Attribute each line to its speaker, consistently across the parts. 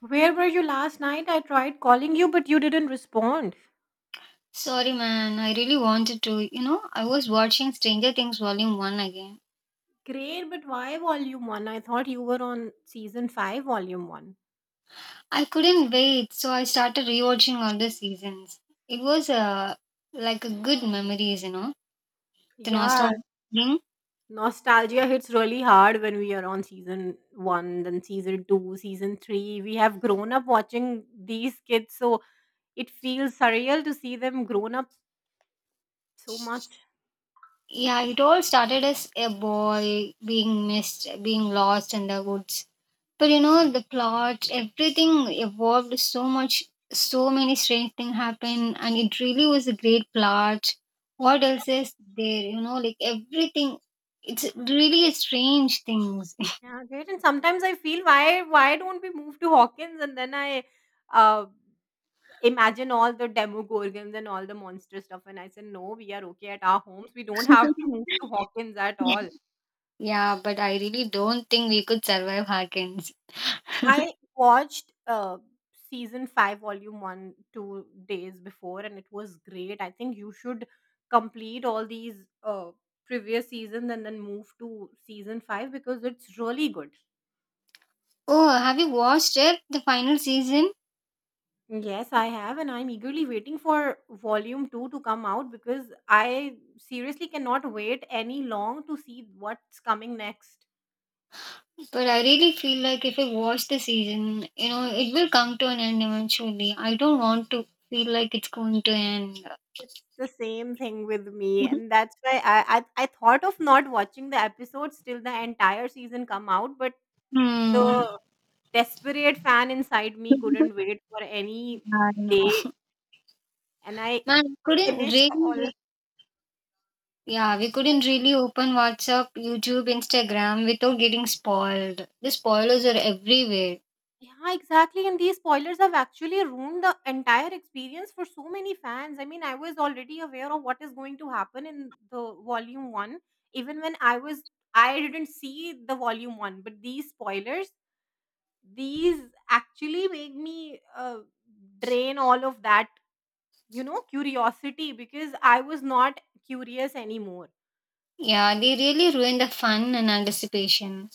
Speaker 1: Where were you last night? I tried calling you, but you didn't respond.
Speaker 2: Sorry, man. I really wanted to. You know, I was watching Stranger Things Volume 1 again.
Speaker 1: Great, but why volume one? I thought you were on season five, volume one.
Speaker 2: I couldn't wait, so I started rewatching all the seasons. It was like a good memories, you know, the
Speaker 1: Yeah,
Speaker 2: nostalgia thing.
Speaker 1: nostalgia hits really hard when we are on season one, then season two, season three. We have grown up watching these kids, so it feels surreal to see them grown up so much.
Speaker 2: Yeah, it all started as a boy being missed, being lost in the woods. But you know, the plot, everything evolved so much, so many strange things happened, and it really was a great plot. What else is there? You know, like everything. It's really a strange things.
Speaker 1: Yeah, great. And sometimes I feel why don't we move to Hawkins? And then I uh Imagine all the demogorgons and all the monster stuff, and I said, "No, we are okay at our homes. We don't have to move to Hawkins at
Speaker 2: Yeah,
Speaker 1: all."
Speaker 2: yeah, but I really don't think we could survive Hawkins.
Speaker 1: I watched season five, volume one, two days before, and it was great. I think you should complete all these previous seasons and then move to season five because it's really good.
Speaker 2: Oh, have you watched it, the final season?
Speaker 1: Yes, I have, and I'm eagerly waiting for volume two to come out because I seriously cannot wait any long to see what's coming next.
Speaker 2: But I really feel like if I watch the season, you know, it will come to an end eventually. I don't want to feel like it's going to end.
Speaker 1: It's the same thing with me, and that's why I thought of not watching the episodes till the entire season come out, but
Speaker 2: Hmm.
Speaker 1: the desperate fan inside me
Speaker 2: I
Speaker 1: couldn't wait for any
Speaker 2: know.
Speaker 1: day, and I
Speaker 2: Man, we couldn't
Speaker 1: finished all.
Speaker 2: really, yeah, we couldn't really open WhatsApp, YouTube, Instagram without getting spoiled. The spoilers are everywhere.
Speaker 1: Yeah, exactly. And these spoilers have actually ruined the entire experience for so many fans. I mean, I was already aware of what is going to happen in the volume one, even when I didn't see the volume one, but these spoilers these actually make me drain all of that curiosity because I was not curious anymore.
Speaker 2: Yeah, they really ruin the fun and anticipation.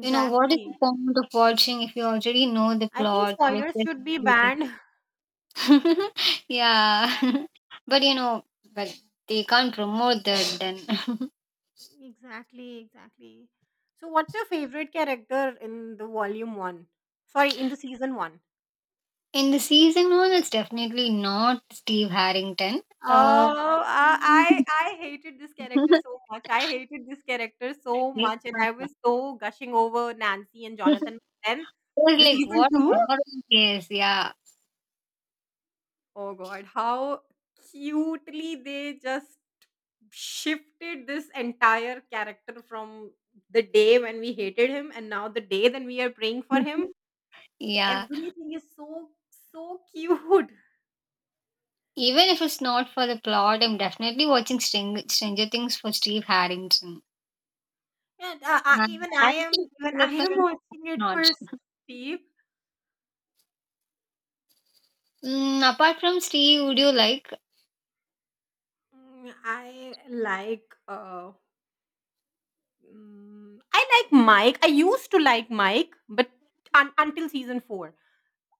Speaker 2: You know, what is the point of watching if you already know the
Speaker 1: I think
Speaker 2: plot? Like,
Speaker 1: spoilers should be
Speaker 2: everything?
Speaker 1: banned.
Speaker 2: Yeah. But but they can't promote that then.
Speaker 1: Exactly, exactly. So what's your favorite character in the volume 1? Sorry, in the season 1.
Speaker 2: In the season one, it's definitely not Steve Harrington. Uh,
Speaker 1: Oh, I hated this character so much. I hated this character so
Speaker 2: it
Speaker 1: much, and I was so gushing over Nancy and Jonathan. But
Speaker 2: was
Speaker 1: then the
Speaker 2: like,
Speaker 1: season
Speaker 2: what a
Speaker 1: two.
Speaker 2: modern case, yeah.
Speaker 1: Oh god, how cutely they just shifted this entire character from the day when we hated him and now the day that we are praying for him.
Speaker 2: Yeah,
Speaker 1: Everything is so so cute.
Speaker 2: even if it's not for the plot, I'm definitely watching Stranger Things for Steve Harrington.
Speaker 1: And I,
Speaker 2: And character
Speaker 1: even I
Speaker 2: development
Speaker 1: am
Speaker 2: is
Speaker 1: watching it
Speaker 2: not.
Speaker 1: for Steve.
Speaker 2: Mm, apart from Steve, would you like?
Speaker 1: Mm, I like Mike. I used to like Mike, but until season four.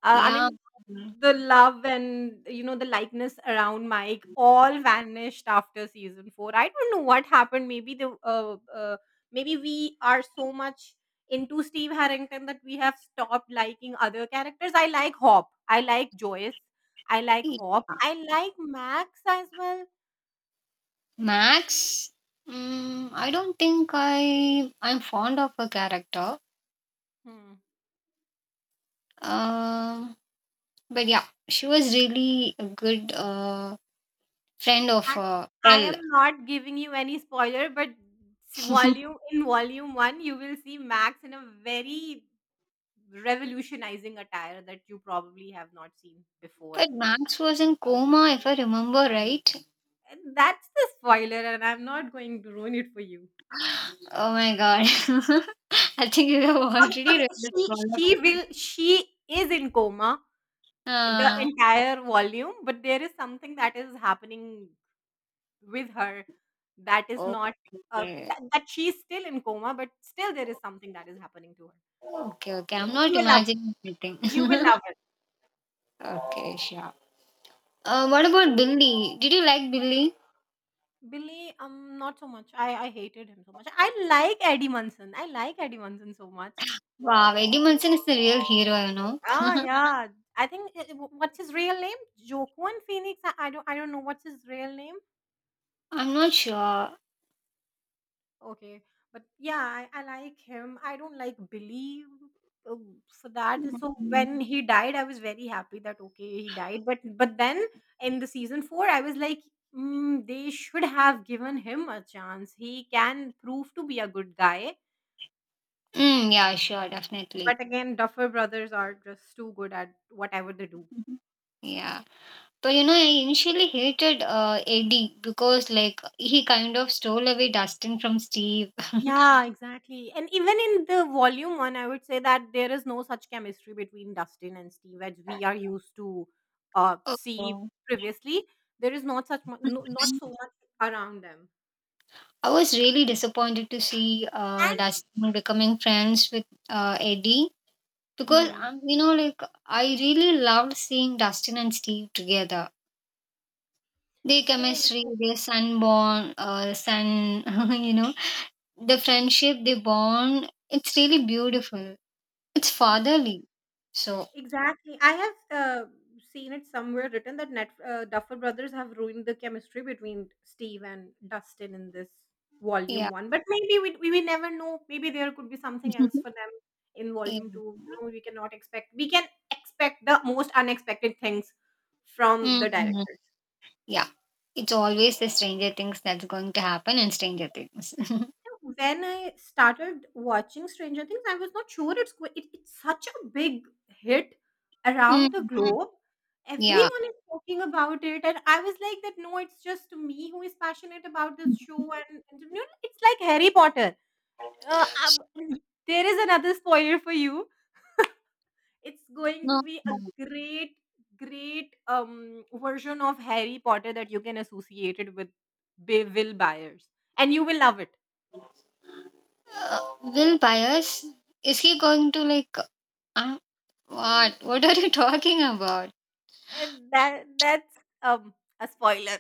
Speaker 1: I
Speaker 2: Yeah.
Speaker 1: mean,
Speaker 2: Mm.
Speaker 1: the love and, you know, the likeness around Mike all vanished after season four. I don't know what happened. Maybe the maybe we are so much into Steve Harrington that we have stopped liking other characters. I like Hop. I like Joyce. I like
Speaker 2: Yeah.
Speaker 1: Hop. I like Max as well.
Speaker 2: Max, mm, I don't think I'm fond of her character.
Speaker 1: Hmm.
Speaker 2: Um, but yeah, she was really a good friend of
Speaker 1: I, I
Speaker 2: L.
Speaker 1: am not giving you any spoiler, but s-
Speaker 2: But
Speaker 1: volume in volume one, you will see Max in a very revolutionizing attire that you probably have not seen before.
Speaker 2: Max was in coma, if I remember right.
Speaker 1: And that's the spoiler, and I'm not going to ruin it for you.
Speaker 2: Oh my god! I think you have
Speaker 1: Okay,
Speaker 2: already
Speaker 1: okay.
Speaker 2: read this
Speaker 1: She
Speaker 2: one.
Speaker 1: she will she is in coma the
Speaker 2: Uh,
Speaker 1: entire volume, but there is something that is happening with her that is not
Speaker 2: okay,
Speaker 1: that she's still in coma, but still there is something that is happening to her.
Speaker 2: okay. I'm not
Speaker 1: You will love it.
Speaker 2: imagining anything.
Speaker 1: You will love it.
Speaker 2: Okay, sure. What about Billy? Did you like Billy?
Speaker 1: Billy, not so much. I hated him so much. I like Eddie Munson. I like Eddie Munson so much.
Speaker 2: Wow, Eddie Munson is the real hero, you know.
Speaker 1: Ah, yeah. I think I- What's his real name? Joaquin Phoenix. I don't know what's his real name.
Speaker 2: I'm not sure.
Speaker 1: Okay, but yeah, I like him. I don't like Billy uh, for that. And so
Speaker 2: Mm,
Speaker 1: when he died, I was very happy that okay he died. But then in the season four, I was like, mm, they should have given him a chance. He can prove to be a good guy.
Speaker 2: Mm, yeah, sure, definitely.
Speaker 1: But again, Duffer Brothers are just too good at whatever they do.
Speaker 2: Mhm. Yeah. But you know, I initially hated Eddie because, like, he kind of stole away Dustin from Steve.
Speaker 1: Yeah, exactly. And even in the volume one, I would say that there is no such chemistry between Dustin and Steve as we are used to see
Speaker 2: Oh.
Speaker 1: previously. There is not such not so much around them.
Speaker 2: I was really disappointed to see
Speaker 1: And
Speaker 2: Dustin becoming friends with Eddie because,
Speaker 1: hmm,
Speaker 2: you know, like, I really loved seeing Dustin and Steve together. The
Speaker 1: same.
Speaker 2: chemistry,
Speaker 1: Same.
Speaker 2: the sun bond, you know, the friendship, the bond, it's really beautiful. It's
Speaker 1: Hmm.
Speaker 2: fatherly. So,
Speaker 1: Exactly. I have seen it somewhere written that Net Duffer Brothers have ruined the chemistry between Steve and Dustin in this volume
Speaker 2: yeah.
Speaker 1: one. But maybe we never know. Maybe there could be something else for them in
Speaker 2: Yeah.
Speaker 1: volume two. You know, we cannot expect. We can expect the most unexpected things from the
Speaker 2: Mm,
Speaker 1: director.
Speaker 2: yeah. It's always the Stranger Things that's going to happen in Stranger Things.
Speaker 1: When I started watching Stranger Things, I was not sure it's such a big hit around
Speaker 2: Mm,
Speaker 1: the globe.
Speaker 2: yeah.
Speaker 1: Everyone is talking about it, and I was like that. No, it's just me who is passionate about this show, and you know, it's like Harry Potter. Uh, um, there is another spoiler for you. It's going to
Speaker 2: No.
Speaker 1: be a
Speaker 2: No.
Speaker 1: great, great version of Harry Potter that you can associate it with Will Byers, and you will love it.
Speaker 2: Will Byers, is he going to like, uh, what? What are you talking about?
Speaker 1: And that's, um, a spoiler.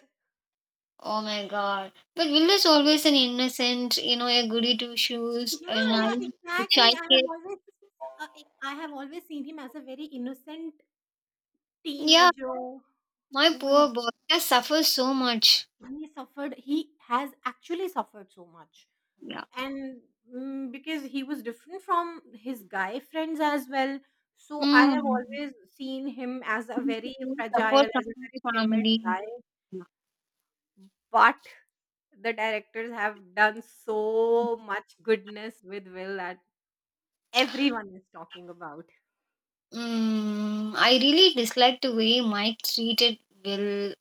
Speaker 2: Oh my god. But Will is always an innocent, you know, a goody two shoes,
Speaker 1: Yeah,
Speaker 2: a
Speaker 1: yeah,
Speaker 2: naive,
Speaker 1: exactly.
Speaker 2: shy
Speaker 1: I have
Speaker 2: kid.
Speaker 1: uh, I have always seen him as a very innocent
Speaker 2: Yeah,
Speaker 1: teenager
Speaker 2: my
Speaker 1: who is-
Speaker 2: poor boy has suffers so much.
Speaker 1: he suffered. He has actually suffered so much,
Speaker 2: Yeah.
Speaker 1: and mm, because he was different from his guy friends as well. So I have
Speaker 2: Mm.
Speaker 1: always seen him as a very fragile,
Speaker 2: Support from
Speaker 1: as a
Speaker 2: his
Speaker 1: very timid guy.
Speaker 2: family.
Speaker 1: But the directors have done so much goodness with Will that everyone is talking about.
Speaker 2: Mm, I really dislike the way Mike treated Will.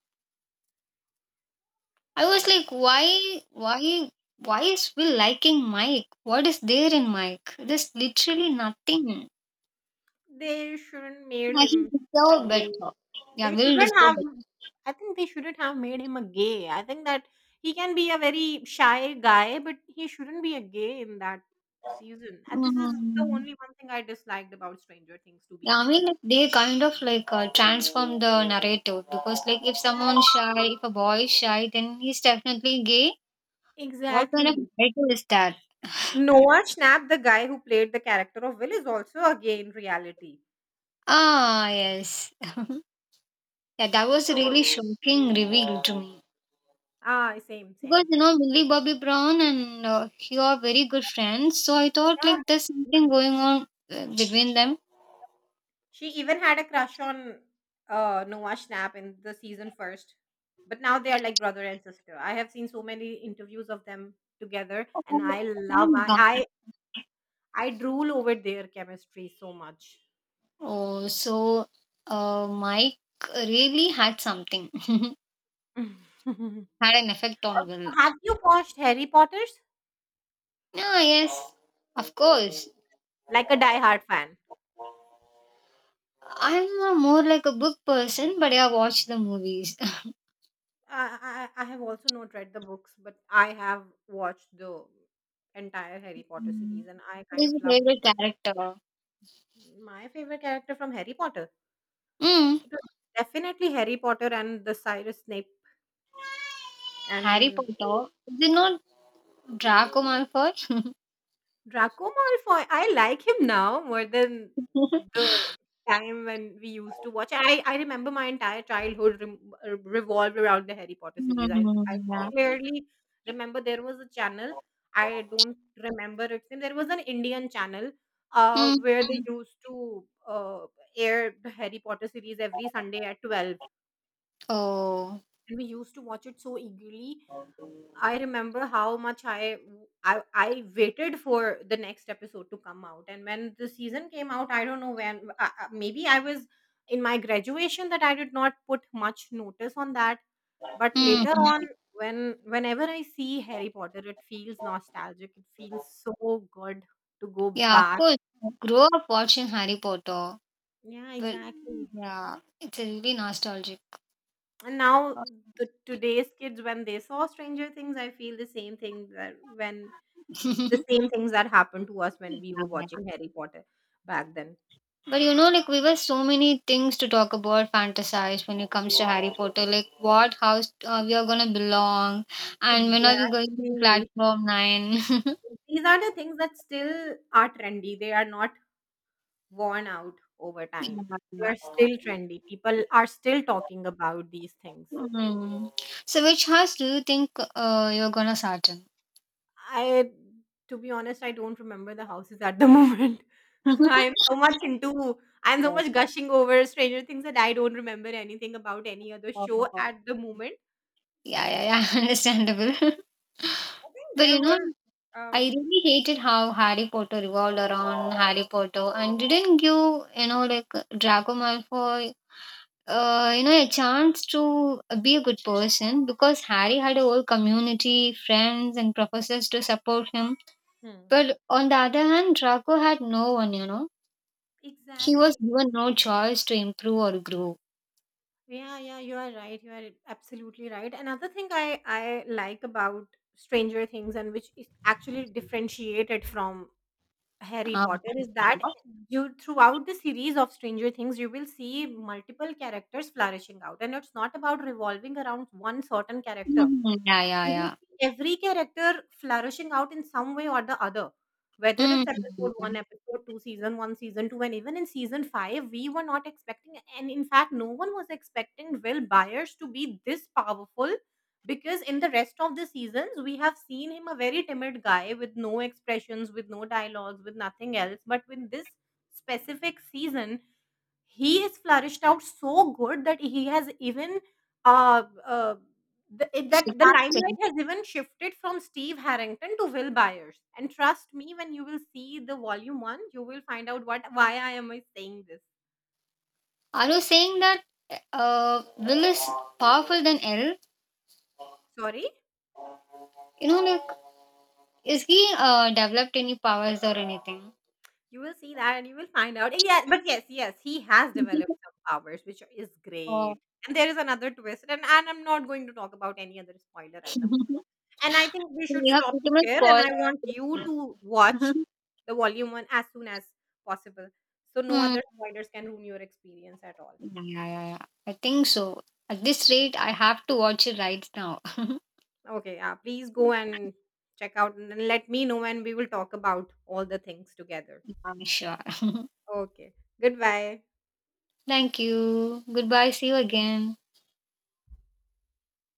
Speaker 2: I was like, why is Will liking Mike? What is there in Mike? There's literally nothing.
Speaker 1: They shouldn't made
Speaker 2: Yeah, he
Speaker 1: him a
Speaker 2: deserved
Speaker 1: gay.
Speaker 2: better. Yeah,
Speaker 1: They
Speaker 2: Will
Speaker 1: shouldn't
Speaker 2: deserved
Speaker 1: have.
Speaker 2: better.
Speaker 1: I think they shouldn't have made him a gay. I think that he can be a very shy guy, but he shouldn't be a gay in that season. And this is the
Speaker 2: Mm.
Speaker 1: only one thing I disliked about Stranger Things, to be
Speaker 2: Yeah, I mean,
Speaker 1: honest.
Speaker 2: like, they kind of like transform the narrative because, like, if
Speaker 1: Exactly.
Speaker 2: someone's shy, if a boy is shy, then he's definitely gay. What kind of
Speaker 1: Exactly.
Speaker 2: narrative is that?
Speaker 1: Noah Schnapp, the guy who played the character of Will, is also a gay in reality.
Speaker 2: Ah, yes. Yeah, that was a
Speaker 1: So,
Speaker 2: really shocking reveal to me.
Speaker 1: ah, same,
Speaker 2: Because,
Speaker 1: same.
Speaker 2: you know, Millie Bobby Brown and he are very good friends. So I thought, like, there's
Speaker 1: Yeah.
Speaker 2: something going on between them.
Speaker 1: She even had a crush on Noah Schnapp in the season first. But now they are like brother and sister. I have seen so many interviews of them together,
Speaker 2: Oh,
Speaker 1: and I love.
Speaker 2: my God.
Speaker 1: I drool over their chemistry so much.
Speaker 2: Oh, so Mike really had something,
Speaker 1: Have
Speaker 2: had an effect on Will.
Speaker 1: you watched Harry Potter's?
Speaker 2: Yeah, yes, of course.
Speaker 1: Like a diehard fan.
Speaker 2: I'm a more like a book person, but I watch the movies.
Speaker 1: I have also not read the books, but I have watched the entire Harry Potter series,
Speaker 2: Mm.
Speaker 1: and I
Speaker 2: Who
Speaker 1: kind
Speaker 2: is
Speaker 1: of
Speaker 2: your
Speaker 1: loved it.
Speaker 2: favorite
Speaker 1: But
Speaker 2: character?
Speaker 1: my favorite character from Harry Potter?
Speaker 2: Mm.
Speaker 1: Definitely Harry Potter and the Cyrus Snape
Speaker 2: Harry
Speaker 1: and
Speaker 2: Potter. Is it not Draco Malfoy?
Speaker 1: Draco Malfoy. I like him now more than the time when we used to watch. I remember my entire childhood revolved around the Harry Potter series. I
Speaker 2: Mm, yeah.
Speaker 1: clearly remember there was a channel. I don't remember its name. There was an Indian channel
Speaker 2: Mm.
Speaker 1: where they used to air the Harry Potter series every Sunday at 12.
Speaker 2: Oh.
Speaker 1: And we used to watch it so eagerly. I remember how much I waited for the next episode to come out, and when the season came out, I don't know when. Maybe I was in my graduation that I did not put much notice on that. But later
Speaker 2: Mm.
Speaker 1: on, whenever I see Harry Potter, it feels nostalgic. It feels so good to go
Speaker 2: Yeah, of
Speaker 1: back.
Speaker 2: course. Grow up watching Harry Potter.
Speaker 1: Yeah,
Speaker 2: But
Speaker 1: exactly.
Speaker 2: yeah, it's a really nostalgic.
Speaker 1: And now the today's kids, when they saw Stranger Things, I feel the same things that happened to us when we were
Speaker 2: Yeah.
Speaker 1: watching Harry Potter back then.
Speaker 2: But you know, like we were so many things to talk about, fantasize when it comes to Harry Potter. Like what house we are gonna belong, and when are we going to
Speaker 1: Exactly.
Speaker 2: Platform 9?
Speaker 1: These are the things that still are trendy. They are not worn out over time. They
Speaker 2: Yeah.
Speaker 1: are still trendy. People are still talking about these things.
Speaker 2: Hmm. So which house do you think you're gonna start in?
Speaker 1: I To be honest, I don't remember the houses at the moment. I am so much into I am so
Speaker 2: Yeah,
Speaker 1: much gushing over Stranger Things that I don't remember anything about any other show at the moment.
Speaker 2: yeah, yeah. Understandable.
Speaker 1: I think
Speaker 2: But
Speaker 1: there
Speaker 2: you know,
Speaker 1: was
Speaker 2: I
Speaker 1: um
Speaker 2: really hated how Harry Potter revolved around Harry Potter and didn't give, you know, like Draco Malfoy, you know, a chance to be a good person because Harry had a whole community, friends, and professors to support him.
Speaker 1: Hmm.
Speaker 2: But on the other hand, Draco had no one, you know. He was
Speaker 1: Exactly.
Speaker 2: given no choice to improve or grow.
Speaker 1: Yeah, yeah, you are right. You are absolutely right. Another thing I like about Stranger Things and which is actually differentiated from Harry
Speaker 2: Um,
Speaker 1: Potter is that you throughout the series of Stranger Things you will see multiple characters flourishing out and it's not about revolving around one certain character.
Speaker 2: Mm, yeah, yeah,
Speaker 1: You will
Speaker 2: yeah.
Speaker 1: see every character flourishing out in some way or the other. Whether it's episode
Speaker 2: Mm.
Speaker 1: one, episode two, season one, season two, and even in season five, we were not expecting, and in fact, no one was expecting Will Byers to be this powerful because in the rest of the seasons, we have seen him a very timid guy with no expressions, with no dialogues, with nothing else. But with this specific season, he has flourished out so good that he has even uh, uh, the, it-
Speaker 2: So,
Speaker 1: that the limelight has even shifted from Steve Harrington to Will Byers. And trust me, when you will see the volume one, you will find out what why I am I saying this.
Speaker 2: I was saying that Will is powerful than L.
Speaker 1: Sorry.
Speaker 2: You know, like, is he developed any powers or anything?
Speaker 1: You will see that and you will find out. Yeah, but yes, yes, he has developed some powers, which is
Speaker 2: Oh,
Speaker 1: great. And there is another twist, and I'm not going to talk about any other spoiler at the moment. And I think we
Speaker 2: so
Speaker 1: should
Speaker 2: you have
Speaker 1: stop
Speaker 2: pretty
Speaker 1: it
Speaker 2: much
Speaker 1: here. And
Speaker 2: spoiled.
Speaker 1: I want you to watch the volume one as soon as possible. So no
Speaker 2: Mm.
Speaker 1: other spoilers can ruin your experience at all.
Speaker 2: Yeah, yeah, yeah. I think so. At this rate, I have to watch it right now.
Speaker 1: Okay, yeah. Please go and check out and let me know and we will talk about all the things together.
Speaker 2: I'm sure.
Speaker 1: Okay. Goodbye.
Speaker 2: Thank you. Goodbye. See you again.